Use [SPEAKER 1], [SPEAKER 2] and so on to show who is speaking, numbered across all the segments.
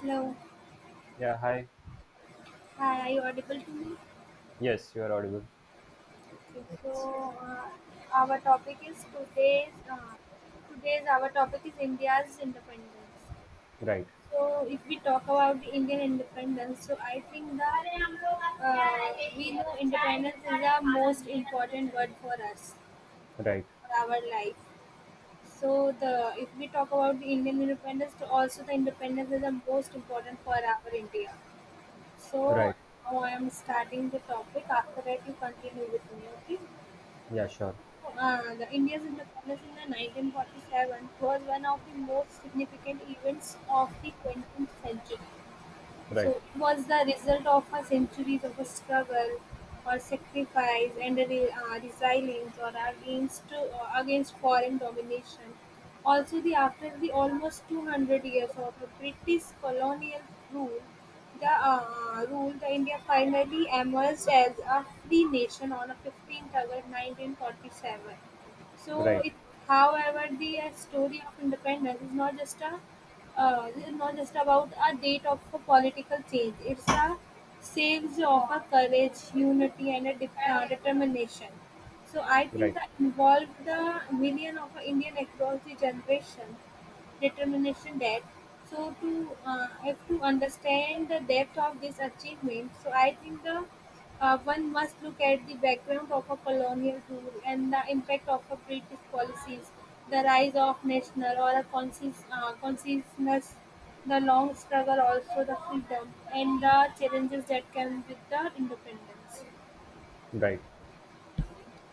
[SPEAKER 1] Hello.
[SPEAKER 2] Yeah, hi.
[SPEAKER 1] Hi, are you audible to me?
[SPEAKER 2] Yes, you are audible.
[SPEAKER 1] Okay, so our topic is today's today's our topic is India's independence.
[SPEAKER 2] Right,
[SPEAKER 1] So if we talk about the Indian independence, so I think that we know independence is the most important word for us
[SPEAKER 2] right,
[SPEAKER 1] for our life. So the if we talk about the Indian independence, so also the independence is the most important for our India. So
[SPEAKER 2] right.
[SPEAKER 1] now I am starting the topic. After that, you continue with me. Okay.
[SPEAKER 2] Yeah, sure.
[SPEAKER 1] The India's independence in the 1947 was one of the most significant events of the 20th century.
[SPEAKER 2] Right,
[SPEAKER 1] So was the result of a centuries of a struggle or sacrifice and a resilience or against foreign domination. Also, the after the almost 200 years of the British colonial rule, the India finally emerged as a free nation on a 15th August 1947. So,
[SPEAKER 2] right,
[SPEAKER 1] however, the story of independence is not just a is not just about a date of a political change. It's a saves of a courage, unity, and a determination. So I think
[SPEAKER 2] right,
[SPEAKER 1] that involved the million of Indian across the generation determination that so to have to understand the depth of this achievement. So I think the one must look at the background of a colonial rule and the impact of a British policies, the rise of national or a conscious consciousness, the long struggle, also the freedom, and the challenges that come with the independence.
[SPEAKER 2] right.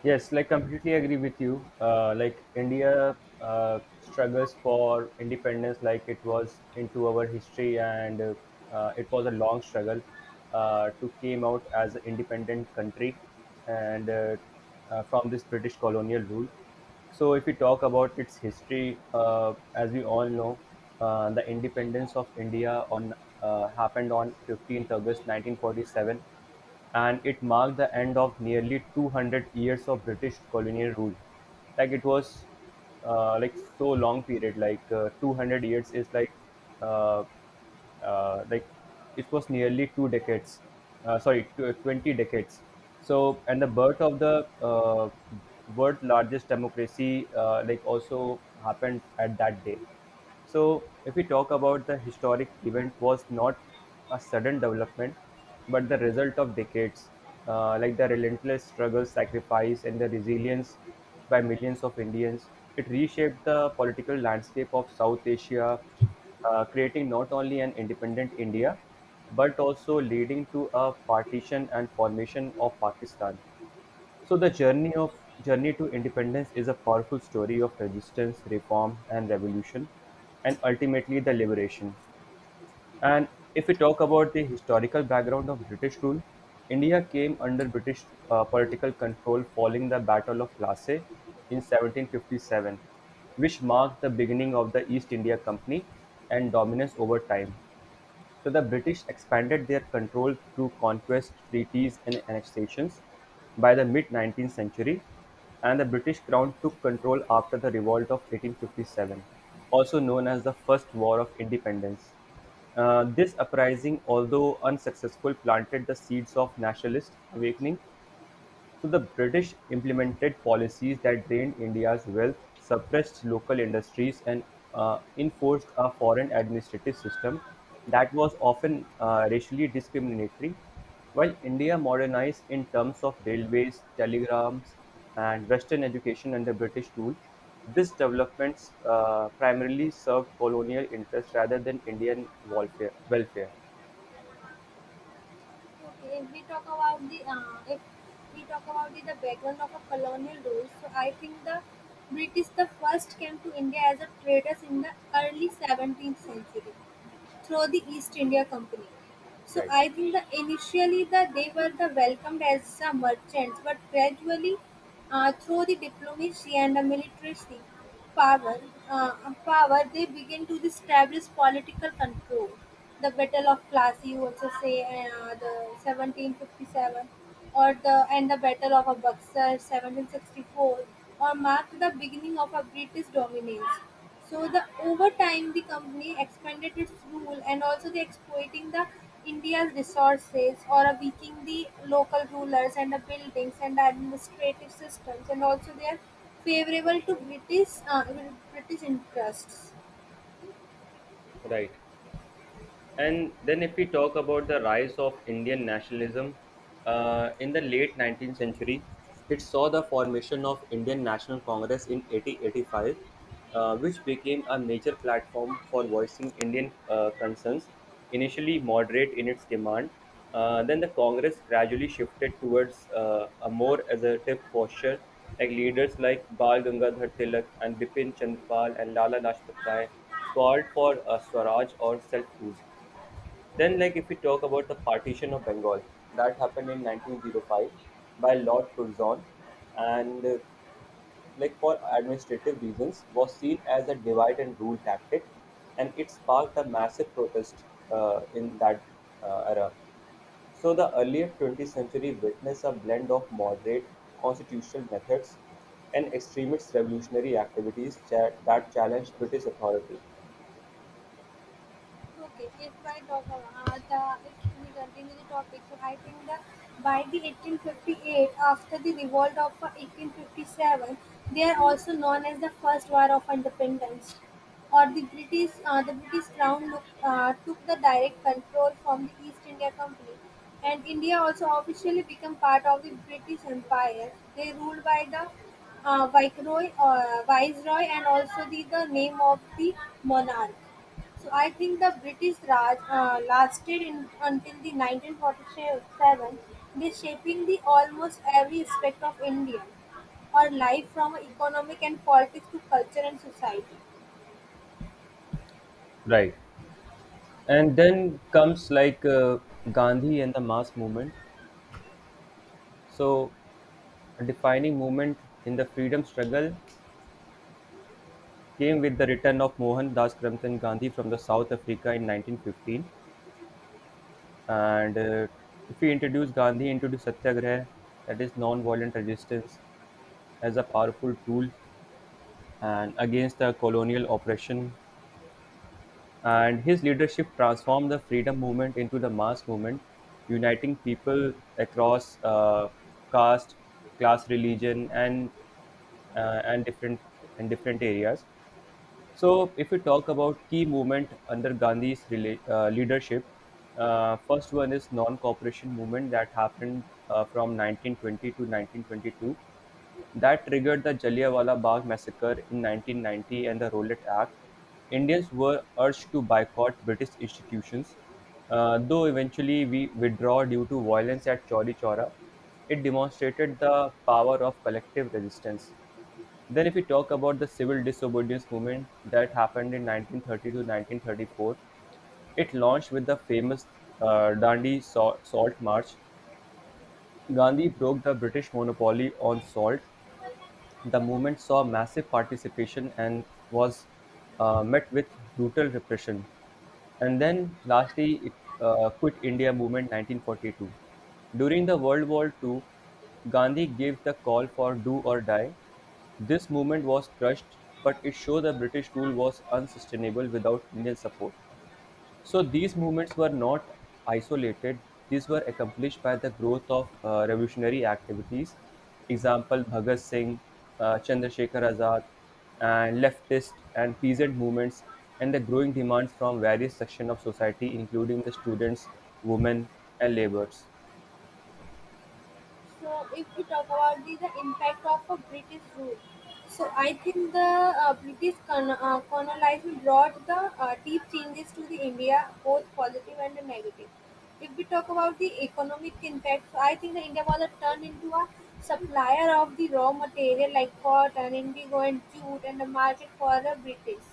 [SPEAKER 2] Yes, like completely agree with you. Like India struggles for independence, like it was into our history, and it was a long struggle to came out as an independent country, and from this British colonial rule. So, if we talk about its history, as we all know, the independence of India on happened on 15th August 1947, and it marked the end of nearly 200 years of British colonial rule. Like it was like so long period, like 200 years is like uh, like it was nearly two decades, sorry, 20 decades. So, and the birth of the world largest democracy, like also happened at that day. So, if we talk about the historic event, was not a sudden development, but the result of decades, like the relentless struggle, sacrifice, and the resilience by millions of Indians. It reshaped the political landscape of South Asia, creating not only an independent India, but also leading to a partition and formation of Pakistan. So the journey to independence is a powerful story of resistance, reform, and revolution, and ultimately the liberation. And if we talk about the historical background of British rule, India came under British political control following the Battle of Plassey in 1757, which marked the beginning of the East India Company and dominance over time. So the British expanded their control through conquest, treaties, and annexations. By the mid 19th century, and the British Crown took control after the Revolt of 1857, also known as the First War of Independence. This uprising, although unsuccessful, planted the seeds of nationalist awakening. So the British implemented policies that drained India's wealth, suppressed local industries, and enforced a foreign administrative system that was often racially discriminatory. While India modernized in terms of railways, telegrams, and Western education under British rule, these developments primarily served colonial interests rather than Indian welfare.
[SPEAKER 1] Okay, if we talk about the if we talk about the background of a colonial rule, so I think the British the first came to India as a traders in the early 17th century through the East India Company. So
[SPEAKER 2] Right.
[SPEAKER 1] I think that initially that they were the welcomed as the merchants, but gradually through the diplomacy and the military power, power they begin to establish political control. The Battle of Plassey, you also say the 1757, or the and the Battle of Buxar 1764, or marked the beginning of a British dominance. So the over time the company expanded its rule and also they exploiting the India's resources or a weakening the local rulers and the buildings and the administrative systems and also they are favorable to British interests.
[SPEAKER 2] Right. And then, if we talk about the rise of Indian nationalism in the late 19th century, it saw the formation of Indian National Congress in 1885, which became a major platform for voicing Indian concerns. Initially moderate in its demand, then the Congress gradually shifted towards a more assertive posture, like leaders like Bal Gangadhar Tilak and Bipin Chandra Pal and Lala Lajpat Rai called for a swaraj or self rule. Then, like if we talk about the partition of Bengal, that happened in 1905 by Lord Curzon, and like for administrative reasons, was seen as a divide and rule tactic, and it sparked a massive protest in that era. So, the earlier 20th century witnessed a blend of moderate constitutional methods and extremist revolutionary activities that challenged British authority.
[SPEAKER 1] Okay, if I talk about if we continue the topic, so I think that by the 1858, after the revolt of 1857, they are also known as the First War of Independence, or the British Crown took the direct control from the East India Company, and India also officially became part of the British Empire. They ruled by the Viceroy, and also the name of the monarch. So I think the British Raj lasted until the 1947, shaping the almost every aspect of Indian or life from economic and politics to culture and society.
[SPEAKER 2] Right. And then comes like Gandhi and the mass movement. So a defining movement in the freedom struggle came with the return of Mohan Das Karamchand Gandhi from the South Africa in 1915, and if we introduce Gandhi into the satyagraha, that is non-violent resistance, as a powerful tool and against the colonial oppression. And his leadership transformed the freedom movement into the mass movement, uniting people across caste, class, religion, uh, and different and different areas. So, if we talk about key movement under Gandhi's leadership, first one is non-cooperation movement that happened from 1920 to 1922. That triggered the Jallianwala Bagh massacre in 1990 and the Rowlatt Act. Indians were urged to boycott British institutions, though eventually we withdraw due to violence at Chauri Chora. It demonstrated the power of collective resistance. Then, if we talk about the civil disobedience movement that happened in 1930 to 1934, it launched with the famous Dandi Salt March. Gandhi broke the British monopoly on salt. The movement saw massive participation and was met with brutal repression. And then, lastly, it Quit India Movement 1942. During the World War Two, Gandhi gave the call for do or die. This movement was crushed, but it showed the British rule was unsustainable without Indian support. So these movements were not isolated. These were accomplished by the growth of revolutionary activities. Example, Bhagat Singh, Chandrasekhar Azad, and leftist and peasant movements, and the growing demands from various sections of society, including the students, women, and laborers.
[SPEAKER 1] So, if we talk about the impact of a British rule, so I think the British colonization brought the deep changes to the India, both positive and negative. If we talk about the economic impact, so I think the India was a turned into a supplier of the raw material like cotton, indigo, and jute, and the market for the British.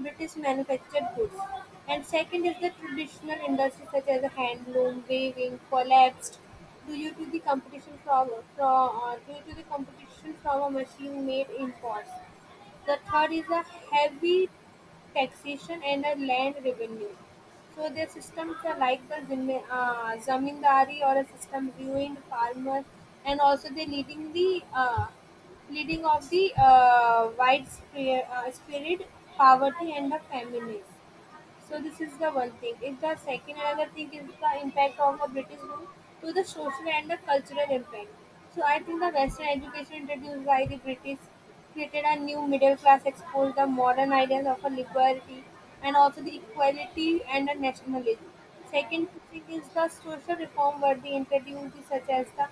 [SPEAKER 1] British manufactured goods, and second is the traditional industries such as handloom, weaving, collapsed due to the competition from a machine-made imports. The third is a heavy taxation and a land revenue. So their systems are like the zamindari or a system ruined farmer, and also they leading of the widespread spirit poverty and the famines. So this is the one thing. And the second another thing is the impact of the British rule to the social and the cultural impact. So I think the Western education introduced by the British created a new middle class, exposed the modern ideas of a liberty and also the equality and the nationalism. Second thing is the social reform where they introduced such as the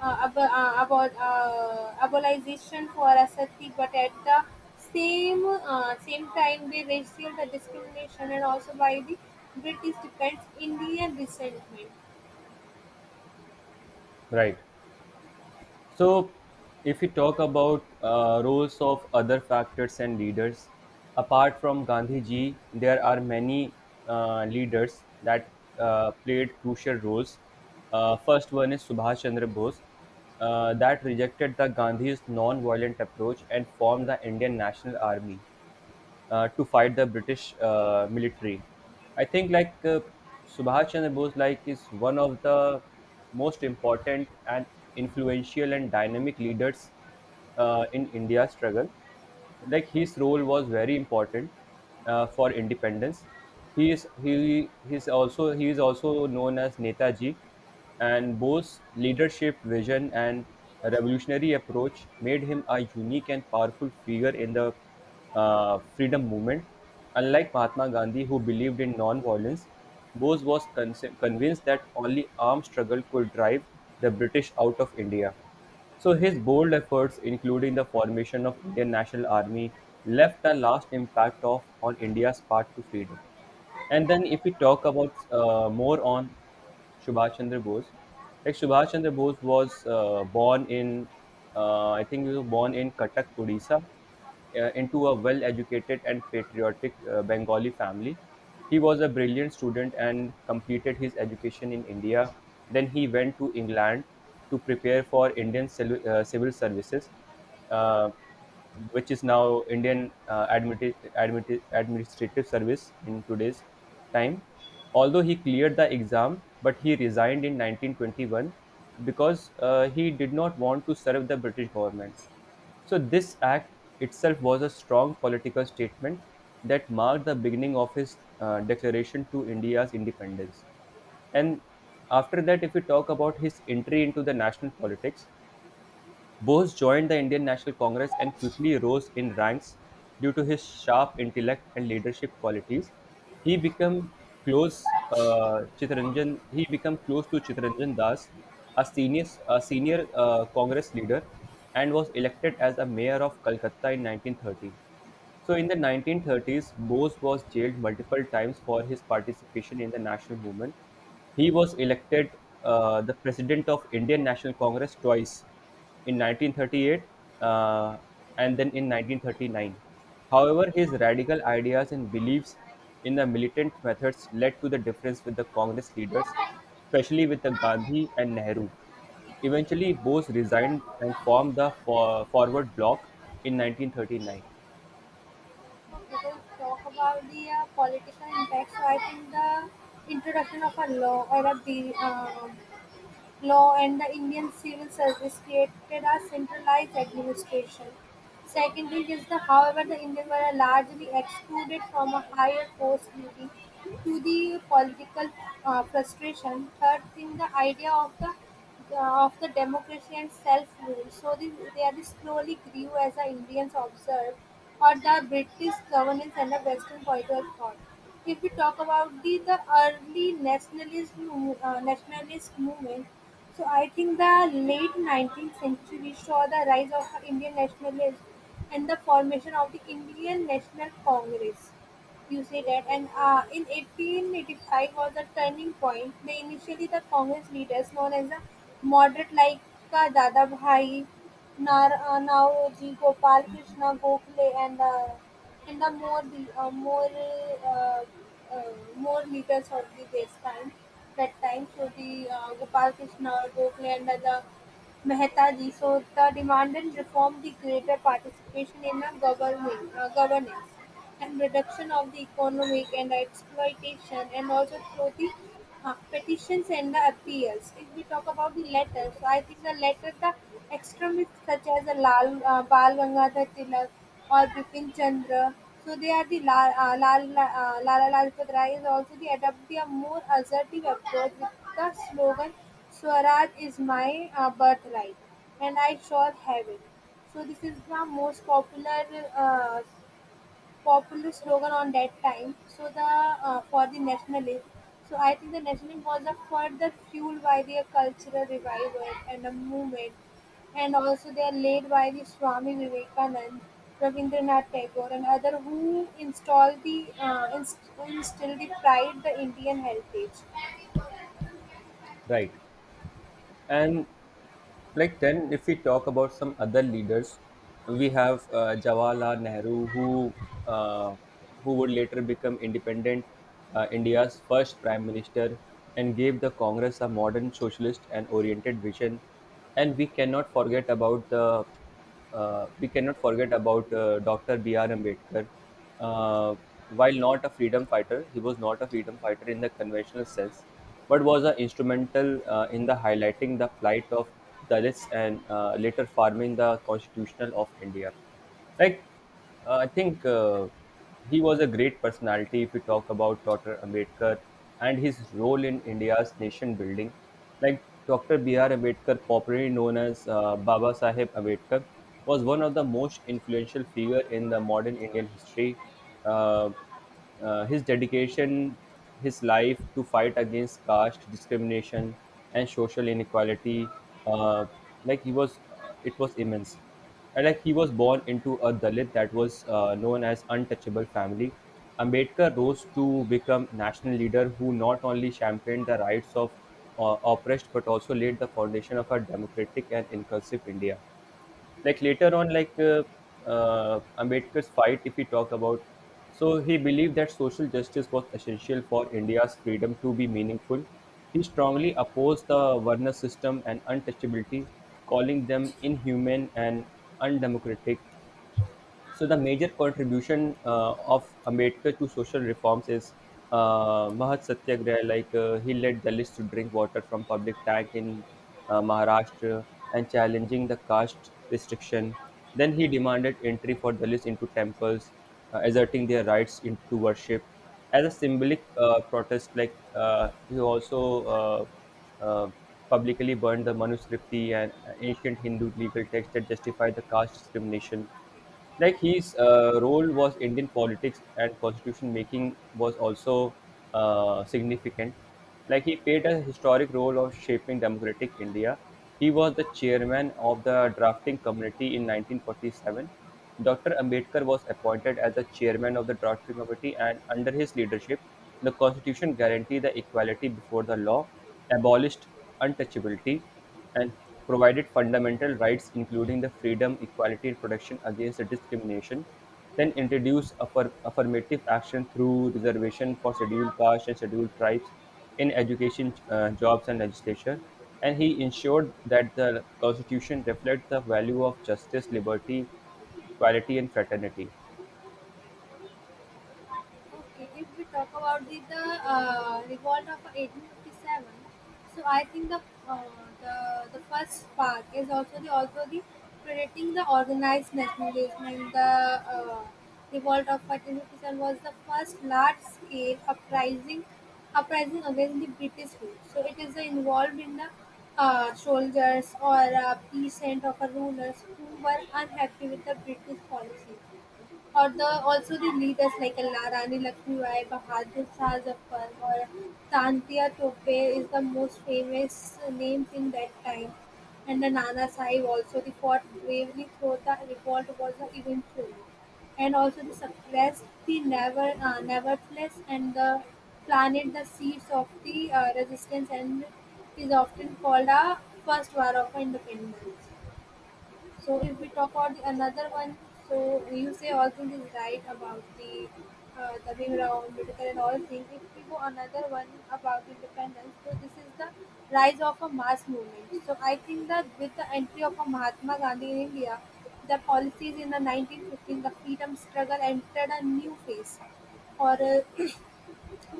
[SPEAKER 1] about abolization for ascetic, but at the same time by racial discrimination and also by the British defense, Indian resentment.
[SPEAKER 2] Right. So, if you talk about roles of other factors and leaders, apart from Gandhi ji, there are many leaders that played crucial roles. First one is Subhash Chandra Bose, that rejected the Gandhi's non-violent approach and formed the Indian National Army to fight the British military. I think like Subhash Chandra Bose like is one of the most important and influential and dynamic leaders in India's struggle. Like his role was very important for independence. He is also known as Netaji, and Bose's leadership, vision, and revolutionary approach made him a unique and powerful figure in the freedom movement. Unlike Mahatma Gandhi, who believed in non-violence, Bose was convinced that only armed struggle could drive the British out of India. So his bold efforts, including the formation of Indian National Army, left a last impact of on India's path to freedom. And then, if we talk about more on Subhash Chandra Bose. Like Subhash Chandra Bose was I think he was born in Cuttack, Odisha, into a well-educated and patriotic Bengali family. He was a brilliant student and completed his education in India. Then he went to England to prepare for Indian civil services. Uh, which is now Indian administrative service in today's time. Although he cleared the exam, but he resigned in 1921 because he did not want to serve the British government. So this act itself was a strong political statement that marked the beginning of his declaration to India's independence. And after that, if we talk about his entry into the national politics, Bose joined the Indian National Congress and quickly rose in ranks due to his sharp intellect and leadership qualities. He became He became close to Chittaranjan Das, a senior Congress leader, and was elected as a mayor of Calcutta in 1930. So in the 1930s, Bose was jailed multiple times for his participation in the national movement. He was elected the president of Indian National Congress twice, in 1938 uh, and then in 1939. However, his radical ideas and beliefs in the militant methods led to the difference with the Congress leaders, especially with the Gandhi and Nehru. Eventually, Bose resigned and formed the Forward Bloc in 1939.
[SPEAKER 1] We will talk about the political impact. So I think the introduction of a law or of the law and the Indian civil service created a centralized administration. Secondly, is the however the Indians were largely excluded from a higher post due to the political frustration. Third thing the idea of the democracy and self-rule. So they this slowly grew as the Indians observed or the British governance and the Western political thought. If we talk about the early nationalist nationalist movement, so I think the late 19th century saw the rise of the Indian nationalism and the formation of the Indian National Congress. You say that, and in 1885 was a turning point. They initially the Congress leaders, known as the moderate, like Dada Bhai, Naoji Gopal Krishna Gokhale, and the uh, more leaders of the this time that time. So the Gopal Krishna Gokhale and the Mehta ji. So the demand and reform the greater participation in the government governance and reduction of the economic and exploitation and also through the petitions and the appeals. If we talk about the letters, so I think the extremists such as the Lal Bal Gangadhar Tilak or Bipin Chandra, so they are the Lala Lajpat Rai is also the adopt a more assertive approach with the slogan Swaraj is my birthright and I shall have it. So this is the most uh, popular slogan on that time. So the for the nationalism. So I think the nationalism was a further fueled by their cultural revival and a movement, and also they are led by the Swami Vivekanand, Rabindranath Tagore, and other who instilled the pride the Indian heritage.
[SPEAKER 2] Right. And like then, if we talk about some other leaders, we have Jawaharlal Nehru, uh, who would later become independent India's first prime minister and gave the Congress a modern socialist and oriented vision. And we cannot forget about Dr. B.R. Ambedkar. Uh, while not a freedom fighter, he was not a freedom fighter in the conventional sense, but was a instrumental in the highlighting the plight of Dalits and later forming the Constitutional of India. Like I think he was a great personality if we talk about Dr. Ambedkar and his role in India's nation building. Like Dr. B.R. Ambedkar, popularly known as Baba Sahib Ambedkar, was one of the most influential figure in the modern Indian history. Uh, his dedication, his life to fight against caste discrimination and social inequality, uh, it was immense. And, like he was born into a Dalit that was known as untouchable family. Ambedkar rose to become national leader who not only championed the rights of oppressed but also laid the foundation of a democratic and inclusive India. Like later on like Ambedkar's fight, if we talk about, so he believed that social justice was essential for India's freedom to be meaningful. He strongly opposed the varna system and untouchability, calling them inhuman and undemocratic. So the major contribution of Ambedkar to social reforms is Mahat Satyagraha, like he led Dalits to drink water from public tank in Maharashtra and challenging the caste restriction. Then he demanded entry for Dalits into temples, asserting their rights in, to worship. As a symbolic protest, like he also publicly burned the manuskripti, an ancient Hindu legal text that justified the caste discrimination. Like his role was Indian politics and constitution making was also significant. Like he played a historic role of shaping democratic India. He was the chairman of the drafting committee in 1947. Dr. Ambedkar was appointed as the chairman of the drafting committee, and under his leadership, the constitution guaranteed the equality before the law, abolished untouchability, and provided fundamental rights including the freedom, equality, and protection against discrimination, then introduced affirmative action through reservation for scheduled castes and scheduled tribes in education, jobs, and legislature. And he ensured that the constitution reflects the value of justice, liberty, equality, and fraternity.
[SPEAKER 1] Okay, if we talk about the revolt of 1857, so I think uh, the the first part is also the predating the organized nationalism and the uh, revolt of 1857 was the first large scale uprising against the British rule. So it is involved in the soldiers or peasant of a rulers who were unhappy with the British policy or the also the leaders like La Rani Lakshmibai, Bahadur Shah Zafar or Tantia Tope is the most famous names in that time. And the Nana Sahib also the fought bravely through the revolt was the eventually. And also the suppressed the never nevertheless and the planted the seeds of the resistance and is often called a first war of independence. So if we talk about the another one, so you say all things is right about the Bhim Rao Ambedkar and all things. If we go another one about independence, so this is the rise of a mass movement. So I think that with the entry of a Mahatma Gandhi in India, the policies in the 1915, the freedom struggle entered a new phase or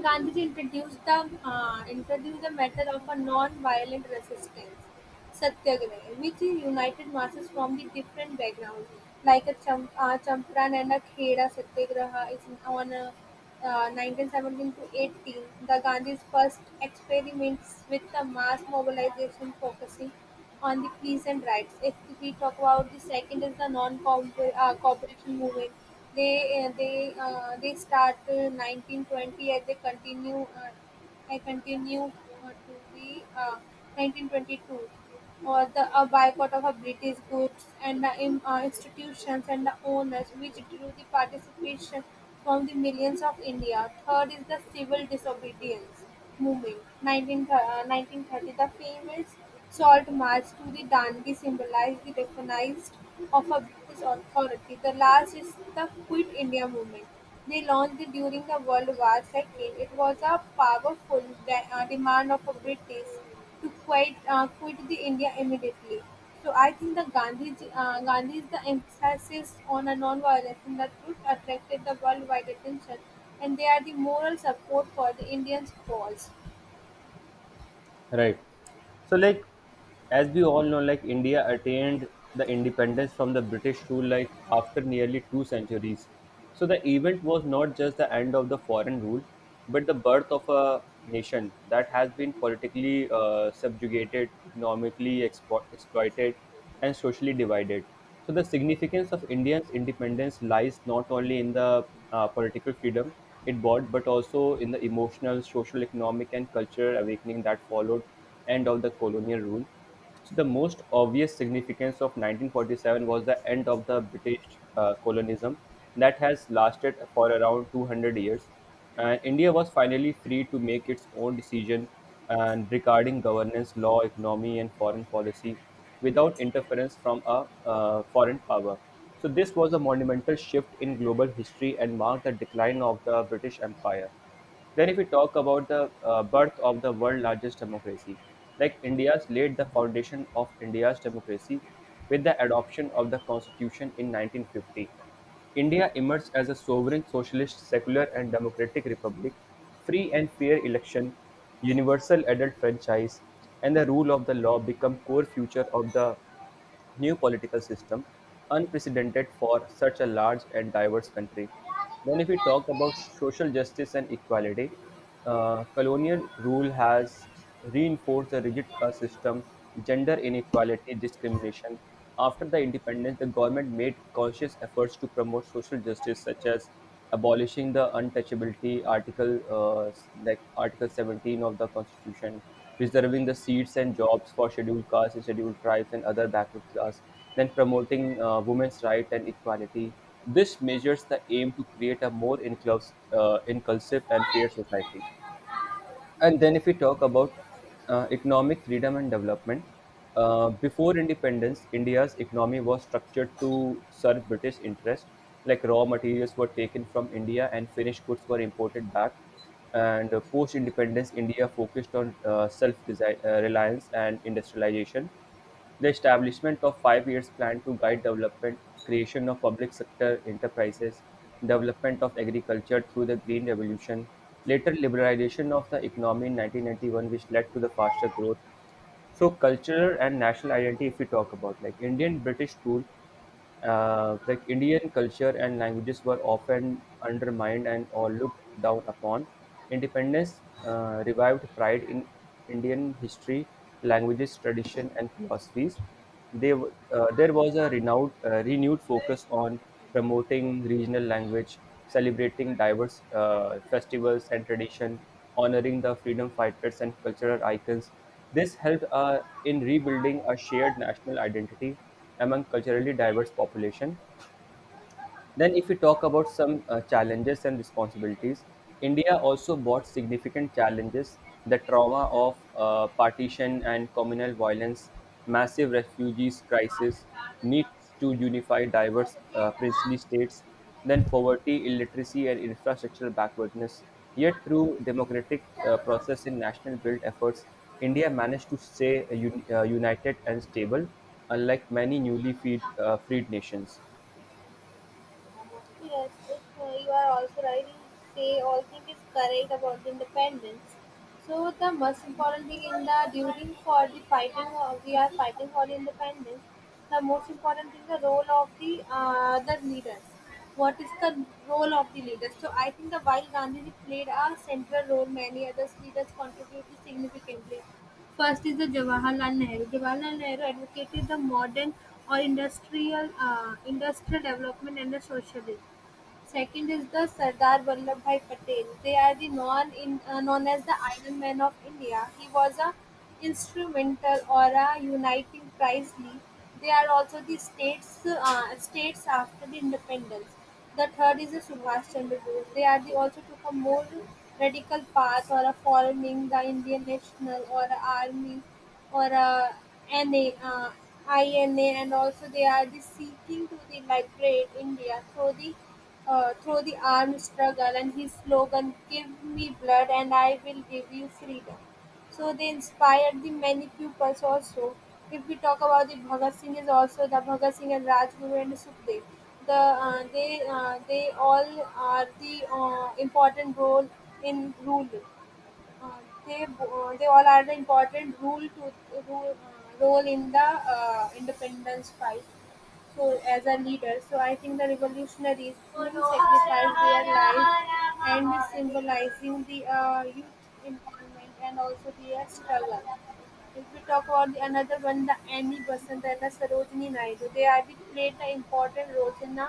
[SPEAKER 1] Gandhiji introduced the method of a non-violent resistance (satyagraha), which united masses from the different backgrounds, like a Champaran and a Kheda satyagraha is on 1917 to 18. The Gandhi's first experiments with the mass mobilization focusing on the peasant rights. If we talk about the second is the non-cooperation movement. They start 1920 and they continue to the 1922 or the a boycott of a British goods and the institutions and the owners, which drew the participation from the millions of India. Third is the civil disobedience moving. 1930, the famous salt march to the Danube symbolized the recognized of a British authority. The last is the Quit India movement. They launched it during the World War II. It was a powerful demand of a British to quit the India immediately. So I think the Gandhi's the emphasis on a non-violence and the truth attracted the worldwide attention, and they are the moral support for the Indians' cause.
[SPEAKER 2] Right. So, like, as we all know, like, India attained the independence from the British rule, like, after nearly two centuries. So, the event was not just the end of the foreign rule, but the birth of a nation that has been politically subjugated, economically exploited, and socially divided. So the significance of India's independence lies not only in the political freedom it brought, but also in the emotional, social, economic, and cultural awakening that followed end of the colonial rule. So the most obvious significance of 1947 was the end of the British colonialism that has lasted for around 200 years, and India was finally free to make its own decision and regarding governance, law, economy, and foreign policy without interference from a foreign power. So this was a monumental shift in global history and marked the decline of the British Empire. Then, if we talk about the birth of the world largest democracy, like India's laid the foundation of India's democracy with the adoption of the constitution in 1950. India emerged as a sovereign, socialist, secular, and democratic republic, free and fair election, universal adult franchise, and the rule of the law become core feature of the new political system unprecedented for such a large and diverse country. Then, if we talk about social justice and equality, colonial rule has reinforced a rigid caste system, gender inequality, discrimination. After the independence, the government made conscious efforts to promote social justice, such as abolishing the untouchability article, like Article 17 of the Constitution, preserving the seats and jobs for scheduled castes and scheduled tribes and other backward class, then promoting women's right and equality. This measures the aim to create a more inclusive, inclusive and fair society. And then, if we talk about economic freedom and development, before independence, India's economy was structured to serve British interests. Like raw materials were taken from India and finished goods were imported back. And post independence, India focused on self reliance and industrialization. The establishment of 5 year years plan to guide development, creation of public sector enterprises, development of agriculture through the Green Revolution, later liberalization of the economy in 1991 which led to the faster growth. So cultural and national identity, if we talk about like Indian British rule, like Indian culture and languages were often undermined and or looked down upon. Independence revived pride in Indian history, languages, tradition, and philosophies. There was a renewed focus on promoting regional language, celebrating diverse festivals and tradition, honoring the freedom fighters and cultural icons. This helped in rebuilding a shared national identity among culturally diverse population. Then, if we talk about some challenges and responsibilities, India also brought significant challenges, the trauma of partition and communal violence, massive refugees crisis, needs to unify diverse princely states, then poverty, illiteracy, and infrastructural backwardness. Yet, through democratic process and national built efforts, India managed to stay united and stable, unlike many newly freed nations.
[SPEAKER 1] Yes, if you are also right, you say all thing is correct about the independence. So the most important thing in the during for the fighting, we are fighting for the independence. The most important thing the role of the leaders. What is the role of the leaders? So I think the while Gandhi played a central role, many others leaders contributed significantly. First is the Jawaharlal Nehru. Jawaharlal Nehru advocated the modern or industrial industrial development and the socialism. Second is the Sardar Vallabhbhai Patel. They are the known in known as the Iron Man of India. He was a instrumental or a uniting priestly. They are also the states states after the independence. The third is the Subhash Chandra Bose. They are the also took a more radical path or a forming the Indian National or a Army or a NA, uh, INA and also they are the seeking to the liberate India through the through the armed struggle and his slogan give me blood and I will give you freedom, so they inspired the many pupils also. If we talk about the Bhagat Singh is also the Bhagat Singh and Rajguru and Sukhdev, the uh, they they all are the important role in rule uh, they all are the important rule to role in the independence fight soul as a leader. So I think the revolutionaries truly sacrificed their lives and symbolizing the youth empowerment and also their struggle. If we talk about the another one, the Annie Besant and the Sarojini Naidu, they have played the important roles in the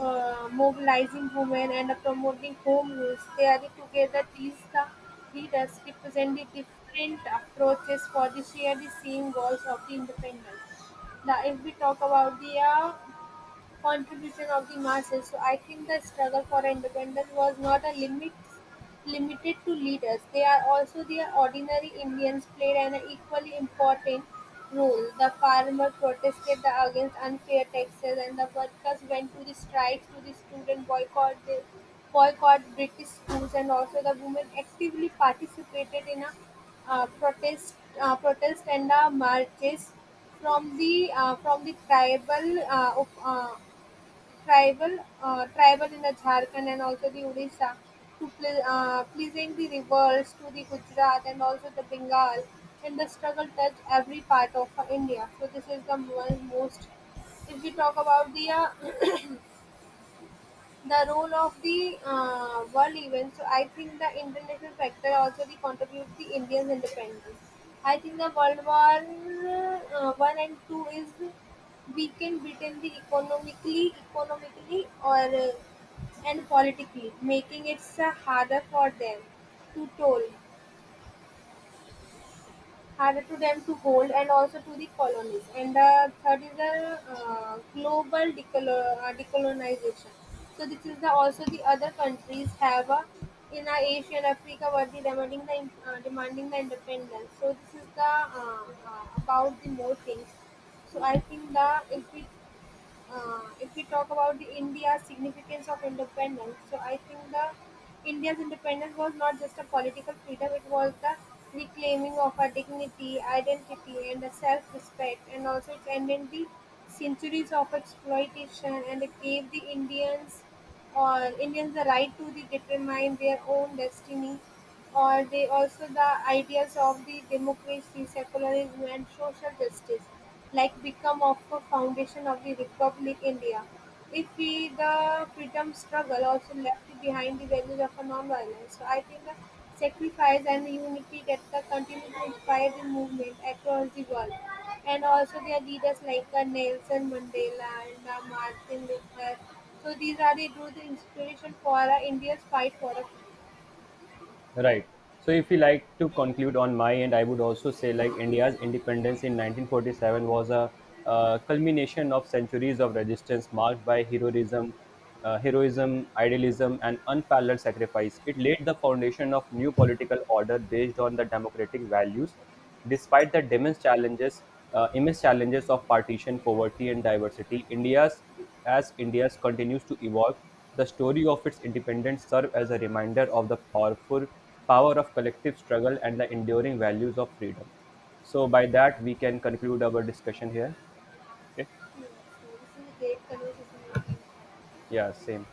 [SPEAKER 1] mobilizing women and promoting home rules. They are the together. These the leaders represent the different approaches for the share the same goals of the independence. Now, if we talk about the contribution of the masses. So I think the struggle for independence was not a limited to leaders. They are also the ordinary Indians played an equally important role. The farmer protested against unfair taxes and the workers went to the strikes to the student boycott the boycott British schools and also the women actively participated in a uh, protest protest and marches from the from the tribal tribal in the Jharkhand and also the Odisha to pleasing the rebels to the Gujarat and also the Bengal, and the struggle touched every part of India. So this is the most, if we talk about the role of the world events. So I think the international factor also the contributes the Indians' independence. I think the World War I and II is weakened Britain the economically or and politically, making it harder for them to toll hard to them to hold and also to the colonies. And the third is the global decolonization. So this is the also the other countries have a, in Asia and Africa were the demanding the demanding the independence. So this is the about the more things. So I think the if we if we talk about the India's significance of independence, so I think the India's independence was not just a political freedom; it was the reclaiming of our dignity, identity, and a self-respect, and also it ended the centuries of exploitation and it gave the Indians or Indians the right to the determine their own destiny, or they also the ideas of the democracy, secularism, and social justice, like become of a foundation of the Republic India. If we the freedom struggle also left behind the values of a non-violence, so I think the sacrifice and the unity that the continue to inspire the movement across the world. And also their leaders like Nelson Mandela and Martin Luther, so these are the drew the inspiration for India's fight for a.
[SPEAKER 2] Right. So if you like to conclude on my end, I would also say like India's independence in 1947 was a culmination of centuries of resistance marked by heroism, heroism, idealism, and unparalleled sacrifice. It laid the foundation of new political order based on the democratic values, despite the immense challenges of partition, poverty, and diversity. India's as India's continues to evolve, the story of its independence serves as a reminder of the power of collective struggle and the enduring values of freedom. So by that we can conclude our discussion here. Okay.
[SPEAKER 1] So this is a great conversation.
[SPEAKER 2] Yeah, same.